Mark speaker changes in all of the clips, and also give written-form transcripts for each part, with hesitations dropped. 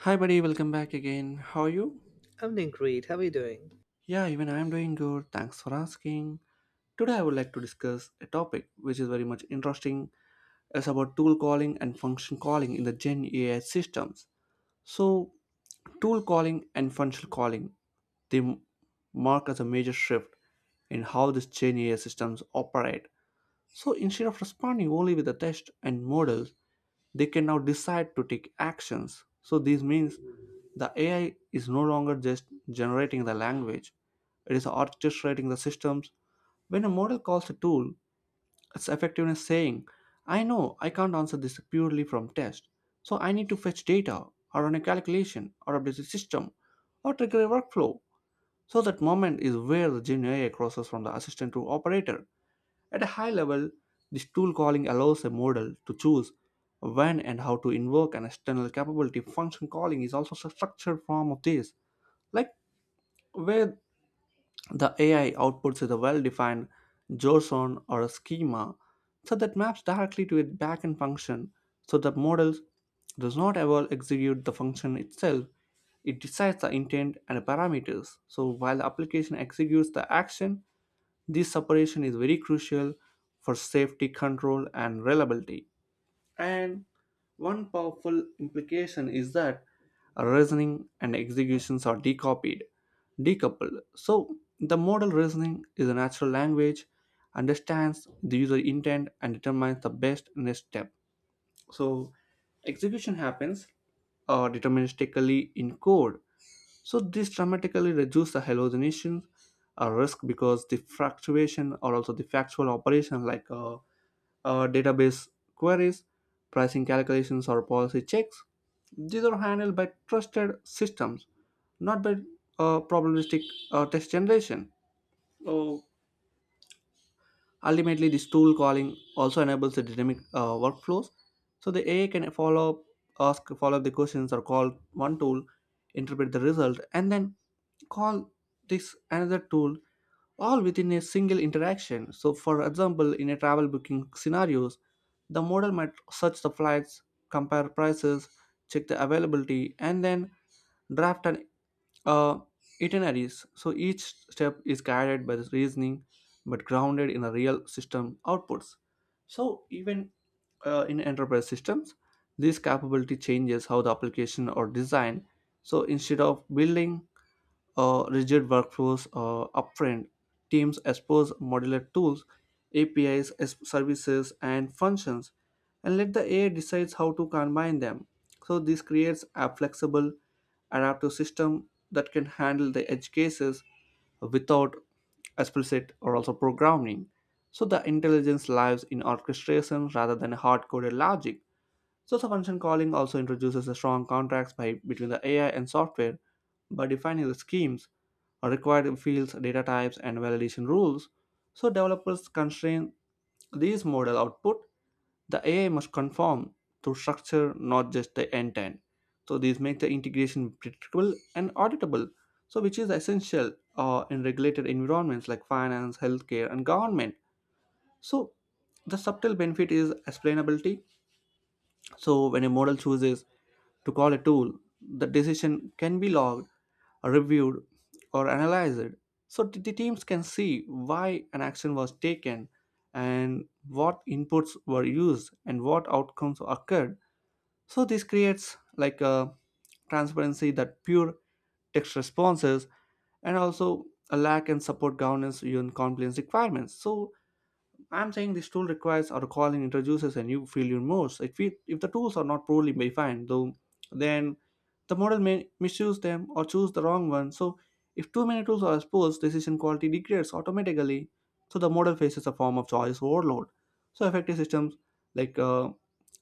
Speaker 1: Hi, buddy, welcome back again. How are you?
Speaker 2: I'm doing great. How are you doing?
Speaker 1: Yeah, even I am doing good. Thanks for asking. Today, I would like to discuss a topic which is very much interesting. It's about tool calling and function calling in the Gen AI systems. So, tool calling and function calling they mark as a major shift in how these Gen AI systems operate. So, instead of responding only with the test and models, they can now decide to take actions. So this means the AI is no longer just generating the language, it is orchestrating the systems. When a model calls a tool, its effectiveness saying, I know I can't answer this purely from test, so I need to fetch data or run a calculation or update the system or trigger a workflow. So that moment is where the Gen AI crosses from the assistant to operator. At a high level, this tool calling allows a model to choose when and how to invoke an external capability. Function calling is also a structured form of this, like where the AI outputs is a well defined JSON or a schema, so that maps directly to a backend function, so the model does not ever execute the function itself. It decides the intent and parameters. So while the application executes the action, this separation is very crucial for safety control and reliability. And one powerful implication is that reasoning and executions are decoupled. So the model reasoning is a natural language, understands the user intent and determines the best next step. So execution happens deterministically in code, so this dramatically reduces the hallucination risk, because the fluctuation or also the factual operation like database queries, pricing calculations or policy checks, these are handled by trusted systems, not by probabilistic text generation. Uh, Ultimately, this tool calling also enables the dynamic workflows. So the AI can follow up, ask follow up the questions or call one tool, interpret the result, and then call this another tool all within a single interaction. So for example, in a travel booking scenarios, the model might search the flights, compare prices, check the availability, and then draft an uh, itineraries. So each step is guided by the reasoning but grounded in a real system outputs. So even in enterprise systems, this capability changes how the application are designed. So instead of building rigid workflows upfront. Teams expose modular tools, APIs, as services, and functions, and let the AI decides how to combine them. So this creates a flexible, adaptive system that can handle the edge cases without explicit or also programming. So the intelligence lies in orchestration rather than hard-coded logic. So the function calling also introduces a strong contract by, between the AI and software by defining the schemes, required fields, data types, and validation rules. So developers constrain these model output. The AI must conform to structure, not just the intent. So these make the integration predictable and auditable. So which is essential in regulated environments like finance, healthcare, and government. So the subtle benefit is explainability, so when a model chooses to call a tool, the decision can be logged, reviewed, or analyzed. So, the teams can see why an action was taken and what inputs were used and what outcomes occurred. So, this creates like a transparency that pure text responses and also a lack and support governance in compliance requirements. So, I'm saying this tool requires or calling introduces a new field in most. If the tools are not poorly defined, though, then the model may misuse them or choose the wrong one. So, if too many tools are exposed, decision quality degrades automatically. So, the model faces a form of choice overload. So, effective systems like uh,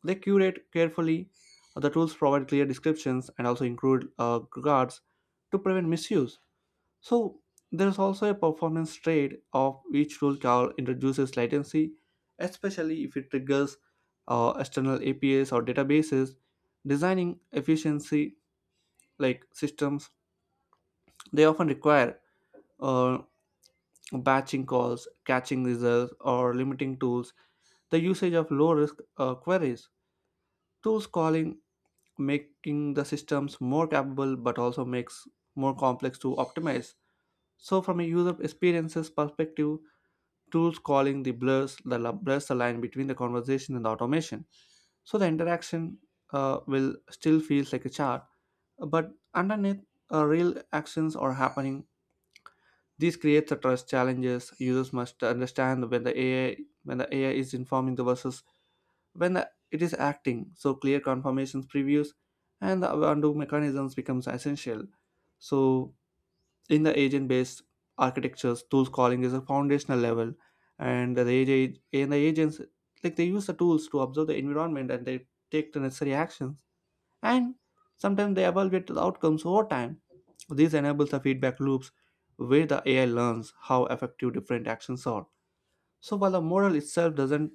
Speaker 1: they curate carefully. The tools provide clear descriptions and also include guards to prevent misuse. So there's also a performance trade of each rule call introduces latency, especially if it triggers external APIs or databases. Designing efficiency like systems, they often require uh, batching calls, catching results, or limiting tools. The usage of low-risk queries, tools calling, making the systems more capable, but also makes more complex to optimize. So from a user experiences perspective, tools calling the blurs the line between the conversation and the automation, so the interaction will still feels like a chat, but underneath real actions are happening. This creates a trust challenges. Users must understand when the AI is informing the versus when the, it is acting, so clear confirmations, previews and the undo mechanisms becomes essential. So in the agent-based architectures, tools calling is a foundational level, and the agents like they use the tools to observe the environment and they take the necessary actions, and sometimes they evaluate the outcomes over time. This enables the feedback loops where the AI learns how effective different actions are. So while the model itself doesn't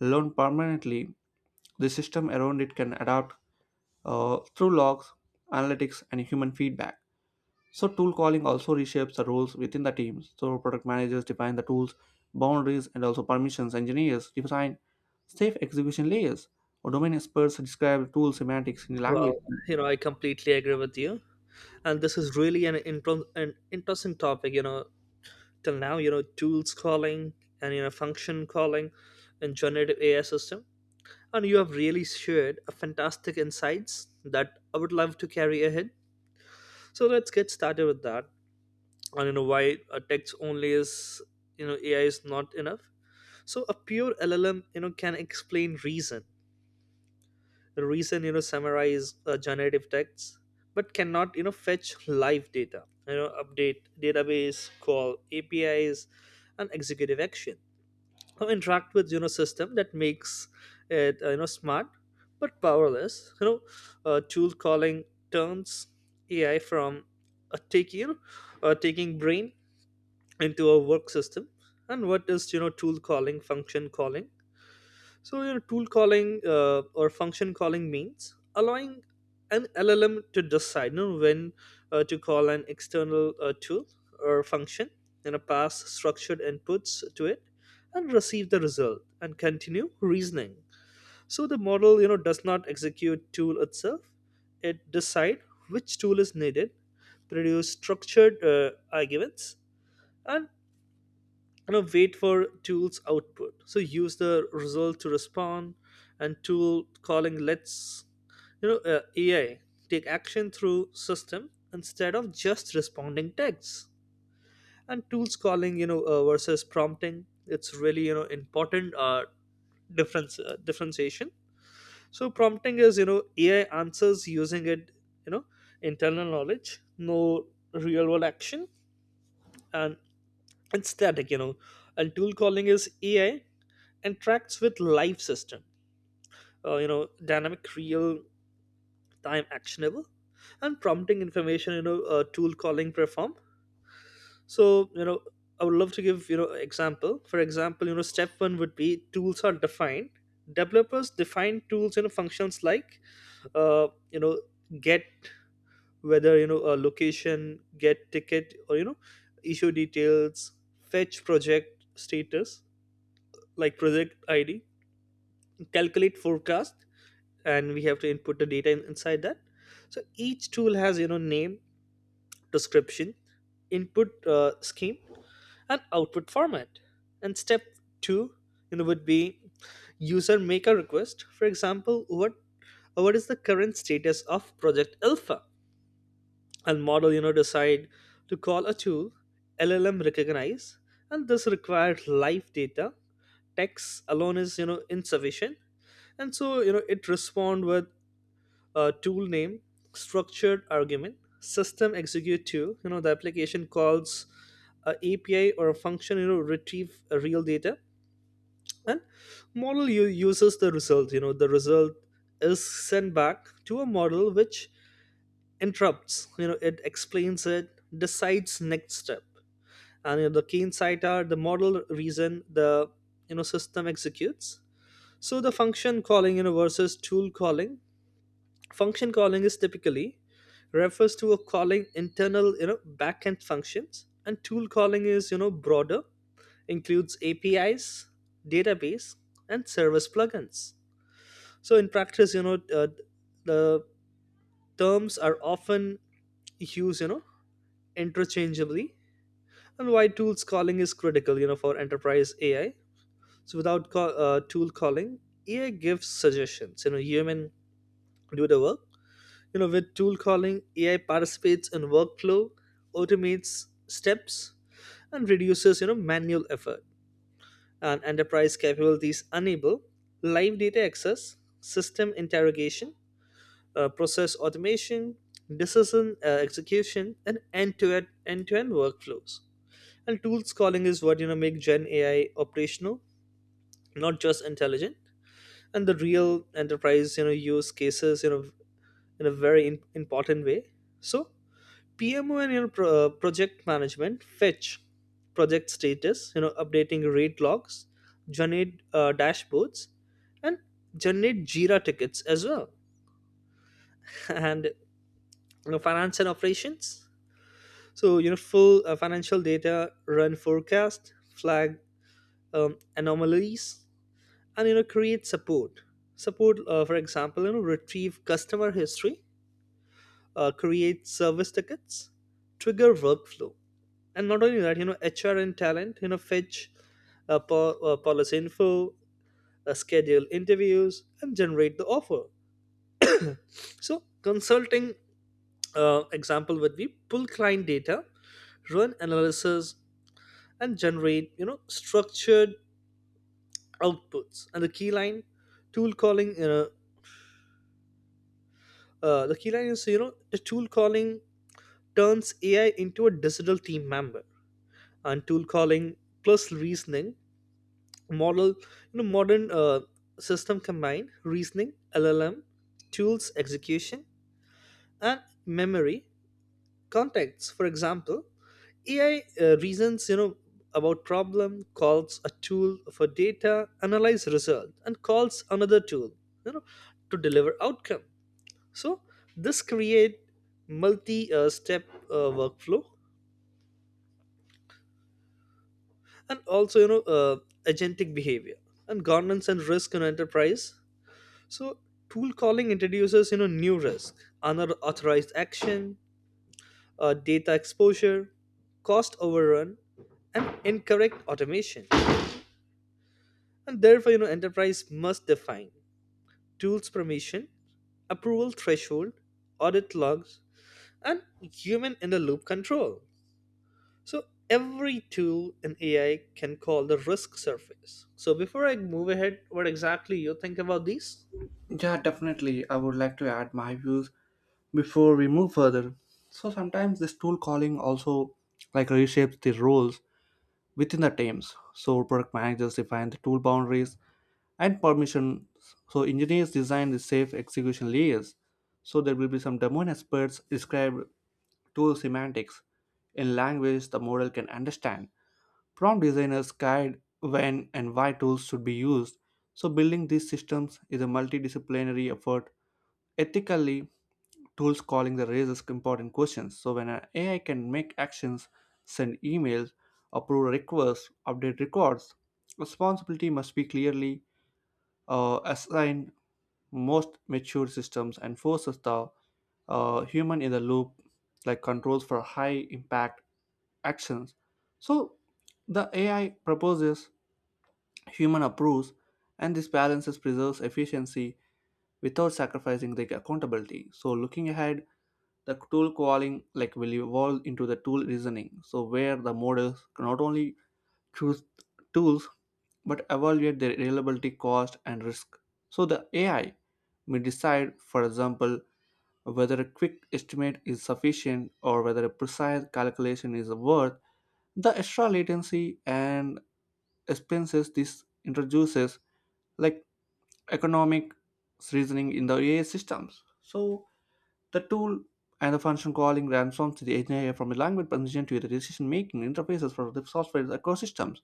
Speaker 1: learn permanently, the system around it can adapt through logs, analytics, and human feedback. So tool calling also reshapes the roles within the teams. So product managers define the tools, boundaries, and also permissions. Engineers define safe execution layers. Or domain experts describe tool semantics in language.
Speaker 2: I completely agree with you. And this is really an interesting topic. Till now, tools calling and, function calling and generative AI system. And you have really shared a fantastic insights that I would love to carry ahead. So let's get started with that. And, why a text only is, AI is not enough. So a pure LLM, can explain reason the reason samurai is a generative text but cannot fetch live data, update database, call APIs and executive action, or interact with system that makes it smart but powerless. Tool calling turns AI from a take you know a taking brain into a work system. And what is tool calling function calling? So your tool calling or function calling means allowing an LLM to decide, when to call an external tool or function, and pass structured inputs to it, and receive the result and continue reasoning. So the model does not execute tool itself; it decide which tool is needed, produce structured arguments, and wait for tool's output, so use the result to respond. And tool calling lets AI take action through system instead of just responding texts. And tools calling versus prompting, it's really important difference differentiation. So prompting is, AI answers using it, you know internal knowledge, no real world action, and it's static, and tool calling is AI interacts with live system, uh, you know dynamic, real time, actionable. And prompting information, tool calling perform. So you know I would love to give example. For example, step one would be tools are defined. Developers define tools, functions like uh, you know get whether, a location, get ticket, or issue details, fetch project status like project ID, calculate forecast, and we have to input the data inside that. So each tool has name, description, input scheme, and output format. And step two would be user make a request. For example, what is the current status of project alpha? And model decide to call a tool. LLM recognize, and this requires live data, text alone is insufficient. And so, it respond with a tool name, structured argument, system execute to, the application calls a API or a function, retrieve a real data. And model uses the result, the result is sent back to a model which interrupts, it explains it, decides next step. And the key insight are the model reason, the system executes. So the function calling, versus tool calling, function calling is typically refers to a calling internal, backend functions, and tool calling is, broader, includes APIs, database, and service plugins. So in practice, the terms are often used, interchangeably. And why tools calling is critical, for enterprise AI. So without tool calling, AI gives suggestions, human do the work. With tool calling, AI participates in workflow, automates steps, and reduces manual effort. And enterprise capabilities enable live data access, system interrogation, process automation, decision execution, and end-to-end workflows. And tools calling is what, make gen AI operational, not just intelligent. And the real enterprise, use cases, you know in a very in- important way. So PMO and, project management, fetch project status, updating rate logs, generate dashboards, and generate Jira tickets as well, and finance and operations. So full financial data, run forecast, flag anomalies, and create support. Support, for example, retrieve customer history, create service tickets, trigger workflow. And not only that, HR and talent, fetch policy info, schedule interviews, and generate the offer. So consulting example would be pull client data, run analysis, and generate structured outputs. And the key line, tool calling, you know the key line is you know the tool calling turns AI into a digital team member. And tool calling plus reasoning model, modern system combine reasoning LLM, tools execution, and memory contexts. For example, AI reasons, about problem, calls a tool for data, analyze result, and calls another tool, you know to deliver outcome. So this create multi step workflow, and also, agentic behavior. And governance and risk in enterprise. So tool calling introduces new risk, unauthorized action, data exposure, cost overrun, and incorrect automation. And therefore, enterprise must define tools permission, approval threshold, audit logs, and human in the loop control. So every tool in AI can call the risk surface. So before I move ahead, what exactly you think about these?
Speaker 1: Yeah, definitely. I would like to add my views before we move further. So sometimes this tool calling also like reshapes the roles within the teams. So product managers define the tool boundaries, and permission. So engineers design the safe execution layers. So there will be some domain experts describe tool semantics in language the model can understand. Prompt designers guide when and why tools should be used. So building these systems is a multidisciplinary effort. Ethically, tools calling the raises important questions. So when an AI can make actions, send emails, approve requests, update records, responsibility must be clearly assigned. Most mature systems and forces the human in the loop, like controls for high impact actions. So the AI proposes, human approves, and this balances preserves efficiency without sacrificing the accountability. So looking ahead, the tool calling like will evolve into the tool reasoning. So where the models not only choose tools but evaluate their reliability, cost, and risk. So the AI may decide, for example, whether a quick estimate is sufficient or whether a precise calculation is worth the extra latency and expenses this introduces, like economic reasoning in the AI systems. So the tool and the function calling transforms the engineer from a language position to the decision-making interfaces for the software ecosystems.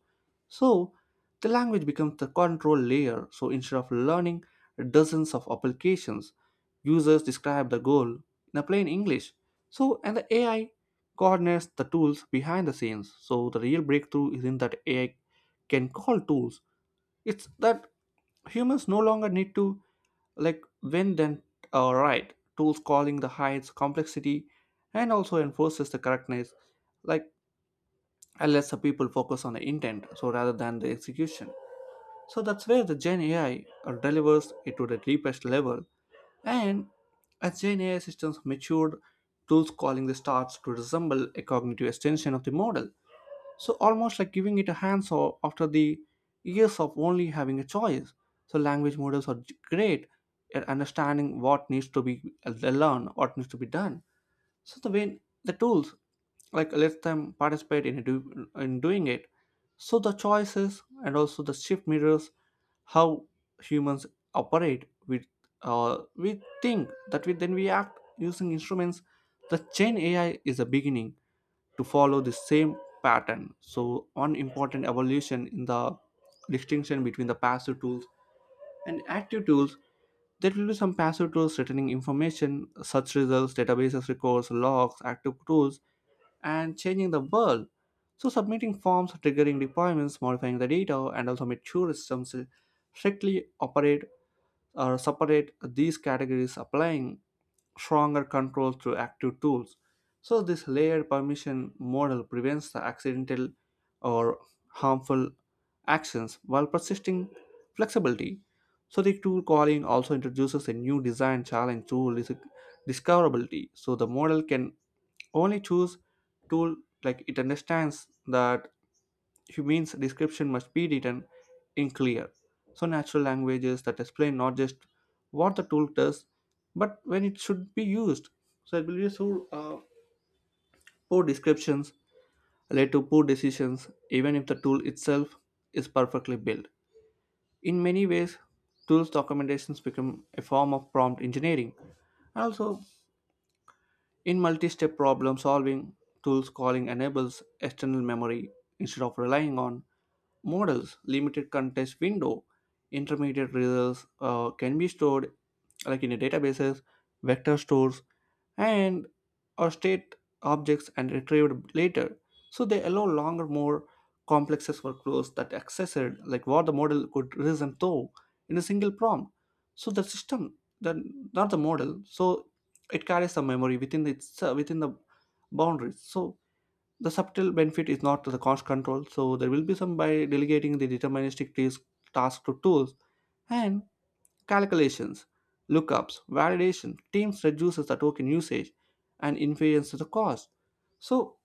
Speaker 1: So, the language becomes the control layer. So, instead of learning dozens of applications, users describe the goal in a plain English. So, and the AI coordinates the tools behind the scenes. So, the real breakthrough is in that AI can call tools. It's that humans no longer need to like when then right tools calling the heights complexity and also enforces the correctness, like, and lets the people focus on the intent so rather than the execution. So that's where the Gen AI delivers it to the deepest level. And as Gen AI systems matured, tools calling the starts to resemble a cognitive extension of the model, so almost like giving it a handsaw after the years of only having a choice. So language models are great at understanding what needs to be learned, what needs to be done. So the way the tools like let them participate in in doing it. So the choices and also the shift mirrors how humans operate. With we think that we then we act using instruments. The chain AI is a beginning to follow the same pattern. So, one important evolution in the distinction between the passive tools and active tools, there will be some passive tools returning information, search results, databases, records, logs, active tools, and changing the world. So, submitting forms, triggering deployments, modifying the data, and also mature systems strictly operate or separate these categories applying stronger control through active tools. So, this layered permission model prevents the accidental or harmful actions while persisting flexibility. So, the tool calling also introduces a new design challenge to discoverability. So, the model can only choose tool like it understands that humans description must be written in clear. So, natural languages that explain not just what the tool does, but when it should be used. So, it will be so poor descriptions lead to poor decisions, even if the tool itself is perfectly built. In many ways, tools documentations become a form of prompt engineering. And also, in multi-step problem solving, tools calling enables external memory instead of relying on models. Limited context window, intermediate results can be stored like in a databases, vector stores, and or state objects and retrieved later. So they allow longer, more complex workflows that accessed like what the model could reason through in a single prompt. So the system, the not the model. So it carries some memory within its within the boundaries, so the subtle benefit is not the cost control. So there will be some by delegating the deterministic task to tools and calculations, lookups, validation teams, reduces the token usage and influences the cost. So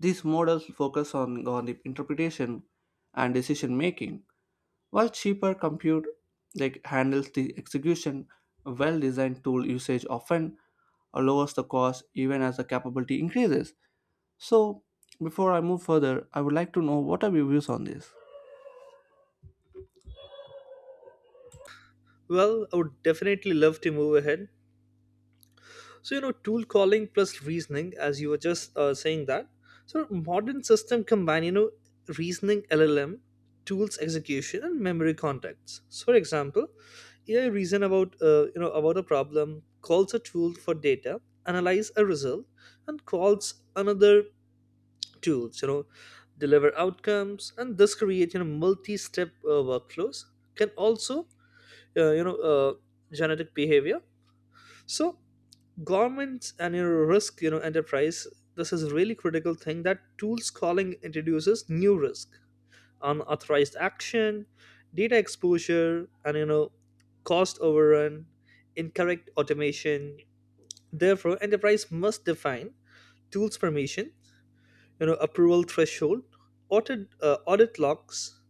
Speaker 1: these models focus on the interpretation and decision making, while cheaper compute like handles the execution. A well-designed tool usage often lowers the cost even as the capability increases. So before I move further, I would like to know, what are your views on this?
Speaker 2: Well, I would definitely love to move ahead. So, tool calling plus reasoning, as you were just saying that. So, modern system combine, reasoning LLM, tools execution, and memory contexts. So, for example, AI reason about, about a problem, calls a tool for data, analyze a result, and calls another tools, deliver outcomes, and this create, multi-step workflows. Can also, uh, you know, uh, genetic behavior. So governments and your risk, enterprise, this is really critical thing that tools calling introduces new risk, unauthorized action, data exposure, and, cost overrun, incorrect automation. Therefore enterprise must define tools permission, approval threshold, audit logs,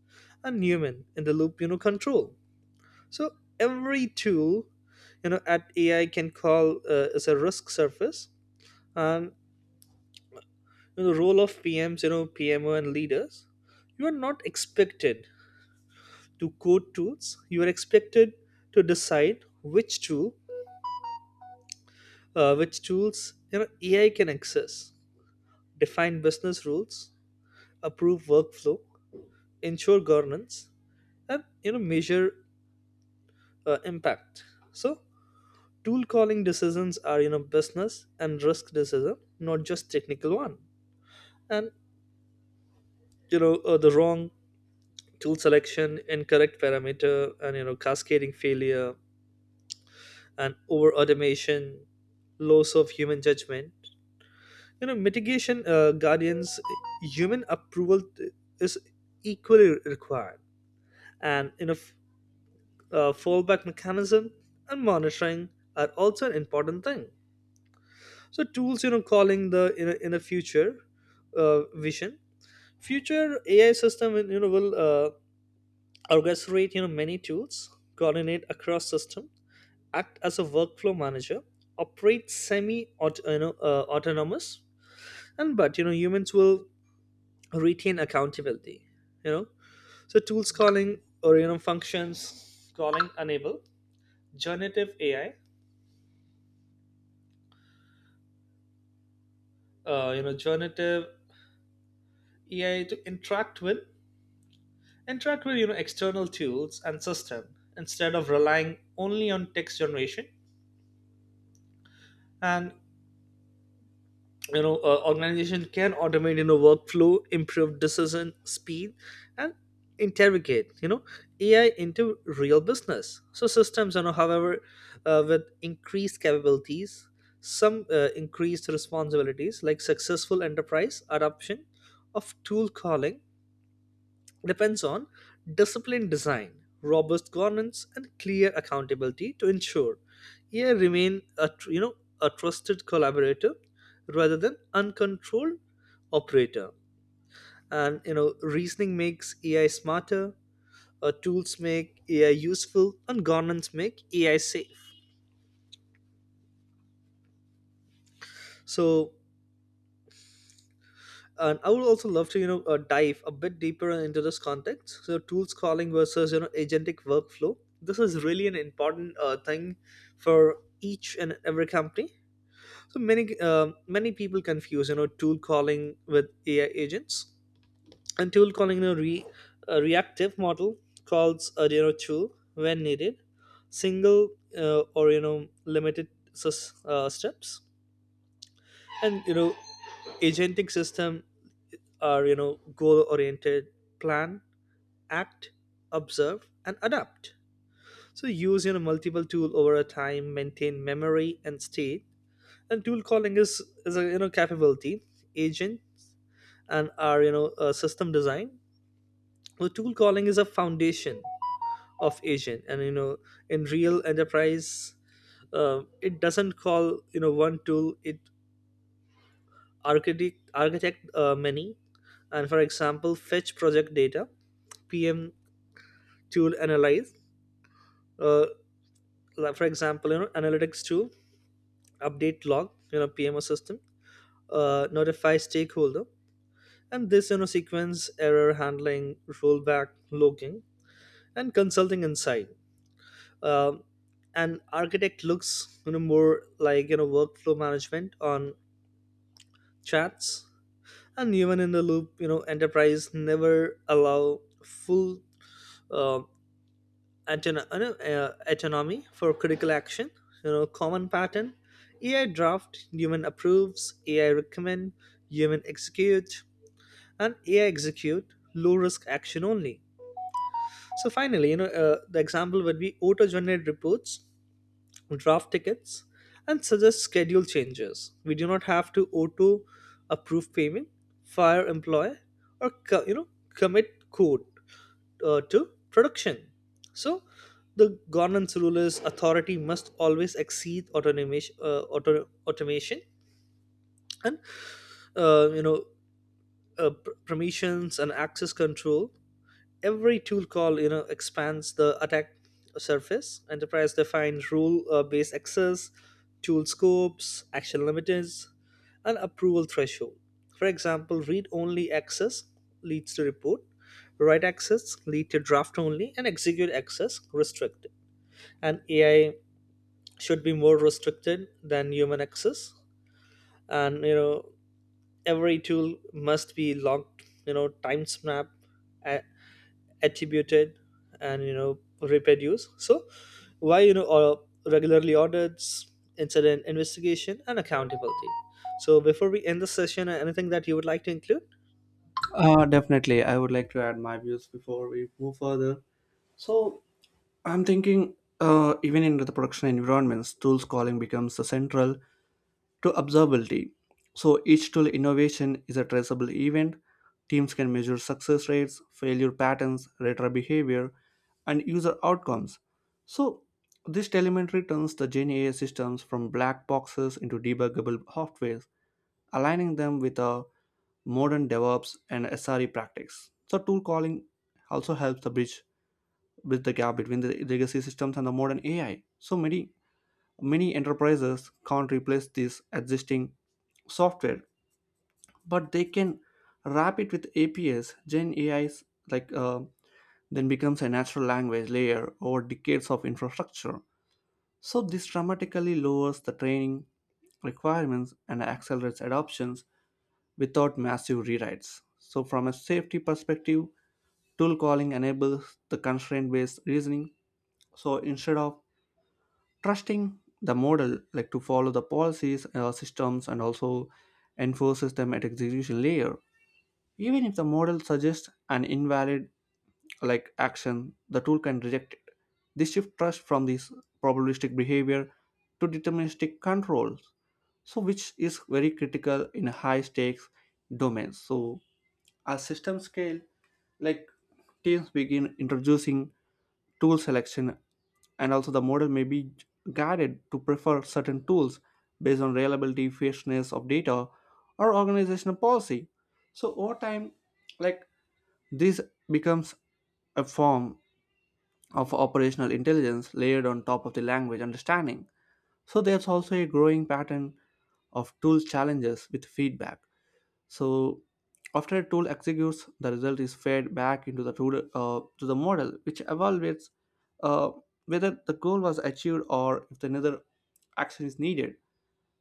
Speaker 2: and human in the loop, control. So every tool, at AI can call, is a risk surface. And the role of PMs, PMO and leaders, you are not expected to code tools. You are expected to decide which tool, which tools, AI can access, define business rules, approve workflow, ensure governance, and measure impact. So tool calling decisions are, business and risk decision, not just technical one. And the wrong tool selection, incorrect parameter, and cascading failure, and over automation, loss of human judgment. Mitigation guardians, human approval is equally required, and fallback mechanism and monitoring are also an important thing. So tools, calling the in a future vision, future AI system, will, orchestrate, many tools, coordinate across system, act as a workflow manager, operate semi autonomous, and but, humans will retain accountability. You know, so tools calling, or functions calling, enable generative AI. Generative AI to interact with, external tools and system, instead of relying only on text generation. And organization can automate, workflow, improve decision speed, and interrogate, AI into real business, so systems. However, with increased capabilities some, increased responsibilities, like successful enterprise adoption of tool calling depends on disciplined design, robust governance, and clear accountability to ensure AI remain a a trusted collaborator rather than uncontrolled operator. And reasoning makes AI smarter, tools make AI useful, and governance make AI safe. So, and I would also love to, dive a bit deeper into this context. So tools calling versus, agentic workflow. This is really an important thing for each and every company. So many many people confuse, tool calling with AI agents, and tool calling in a reactive model calls a, tool when needed, single or steps. And agentic system are, goal oriented, plan, act, observe and adapt. So use, multiple tool over a time, maintain memory and state. And tool calling is a, capability, agent, and our, system design, the tool calling is a foundation of agent. And in real enterprise, it doesn't call, one tool, it architect many. And for example, fetch project data, PM tool, analyze, uh, like for example, analytics tool, update log, PMO system, notify stakeholder. And this, sequence, error handling, rollback, logging, and consulting inside. um, and architect looks, more like, workflow management on chats. And human in the loop, enterprise never allow full uh. Autono- no, autonomy for critical action. Common pattern: AI draft, human approves; AI recommend, human execute, and AI execute low risk action only. So finally, the example would be auto-generated reports, draft tickets, and suggest schedule changes. We do not have to auto-approve payment, fire employee, or commit code to production. So, the governance rule is authority must always exceed automation. And, uh, you know permissions and access control, every tool call, expands the attack surface. Enterprise defines rule based access, tool scopes, action limiters, and approval threshold. For example, read only access leads to report, write access lead to draft only, and execute access restricted. And AI should be more restricted than human access. And every tool must be locked, time snap, attributed, and reproduce. So why, or regularly audits, incident investigation, and accountability. So before we end the session, anything that you would like to include?
Speaker 1: Definitely. I would like to add my views before we move further. So I'm thinking, even in the production environments, tools calling becomes the central to observability. So each tool innovation is a traceable event. Teams can measure success rates, failure patterns, retro behavior, and user outcomes. So this telemetry turns the Gen AI systems from black boxes into debuggable softwares, aligning them with a modern DevOps and SRE practice. So tool calling also helps to bridge the gap between the legacy systems and the modern AI. So many enterprises can't replace these existing software, but they can wrap it with APIs. Gen AI's like then becomes a natural language layer over decades of infrastructure. So this dramatically lowers the training requirements and accelerates adoptions without massive rewrites. So from a safety perspective, tool calling enables the constraint-based reasoning. So instead of trusting the model like to follow the policies, systems and also enforces them at execution layer. Even if the model suggests an invalid like action, the tool can reject it. This shifts trust from this probabilistic behavior to deterministic controls, so which is very critical in high stakes domains. So at system scale, like teams begin introducing tool selection, and also the model may be guided to prefer certain tools based on reliability, fairness of data, or organizational policy. So over time, like this becomes a form of operational intelligence layered on top of the language understanding. So there's also a growing pattern of tool challenges with feedback. So after a tool executes, the result is fed back into the tool, to the model, which evaluates uh, whether the goal was achieved or if another action is needed.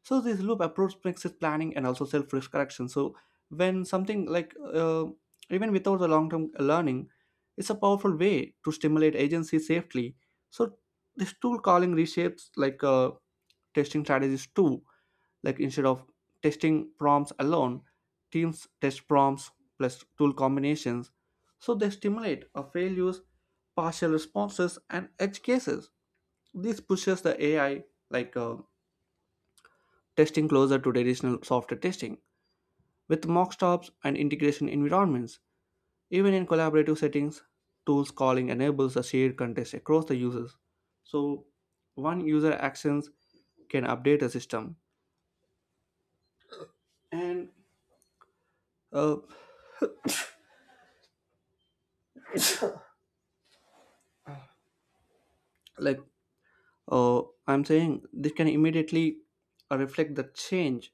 Speaker 1: So this loop approach makes it planning and also self risk correction. So when something like even without the long term learning, it's a powerful way to stimulate agency safely. So this tool calling reshapes like testing strategies too, like instead of testing prompts alone, teams test prompts plus tool combinations. So they stimulate a failures, partial responses and edge cases. This pushes the AI like testing closer to traditional software testing with mock stops and integration environments. Even in collaborative settings, tools calling enables a shared context across the users. So one user actions can update a system and uh, like uh, I'm saying this can immediately reflect the change.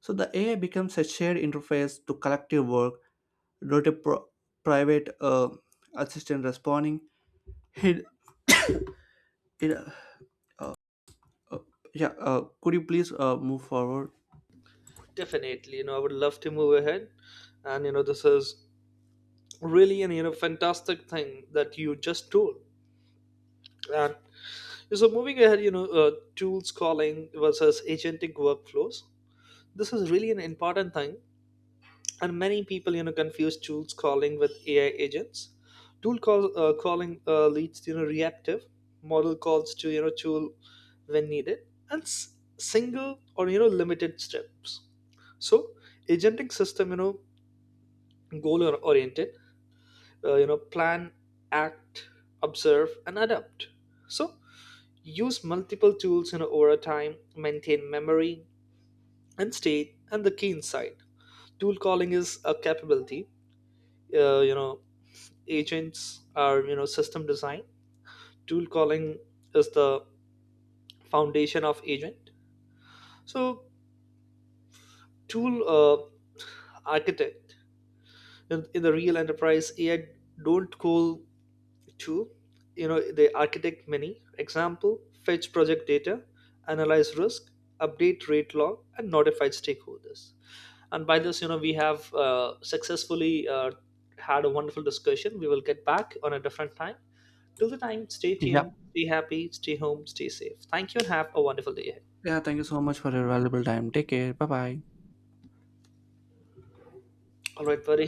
Speaker 1: So the AI becomes a shared interface to collective work, not a private assistant responding. It, it Uh, yeah, could you please move forward?
Speaker 2: Definitely, I would love to move ahead. And this is really an, fantastic thing that you just told. And so moving ahead, tools calling versus agentic workflows. This is really an important thing. And many people, confuse tools calling with AI agents. Calling leads to, reactive model calls to, tool when needed, and single or, limited steps. So agentic system, goal oriented, plan, act, observe and adapt. So use multiple tools, over time, maintain memory and state. And the key insight, tool calling is a capability, uh, you know agents are, system design. Tool calling is the foundation of agent. So tool, architect, in the real enterprise AI, don't call Two, the architect many. Example, fetch project data, analyze risk, update rate log, and notify stakeholders. And by this, we have successfully had a wonderful discussion. We will get back on a different time. Till the time, stay
Speaker 1: Yeah.
Speaker 2: tuned, stay happy, stay home, stay safe. Thank you and have a wonderful day ahead.
Speaker 1: Yeah, thank you so much for your valuable time. Take care. Bye bye.
Speaker 2: All right, buddy.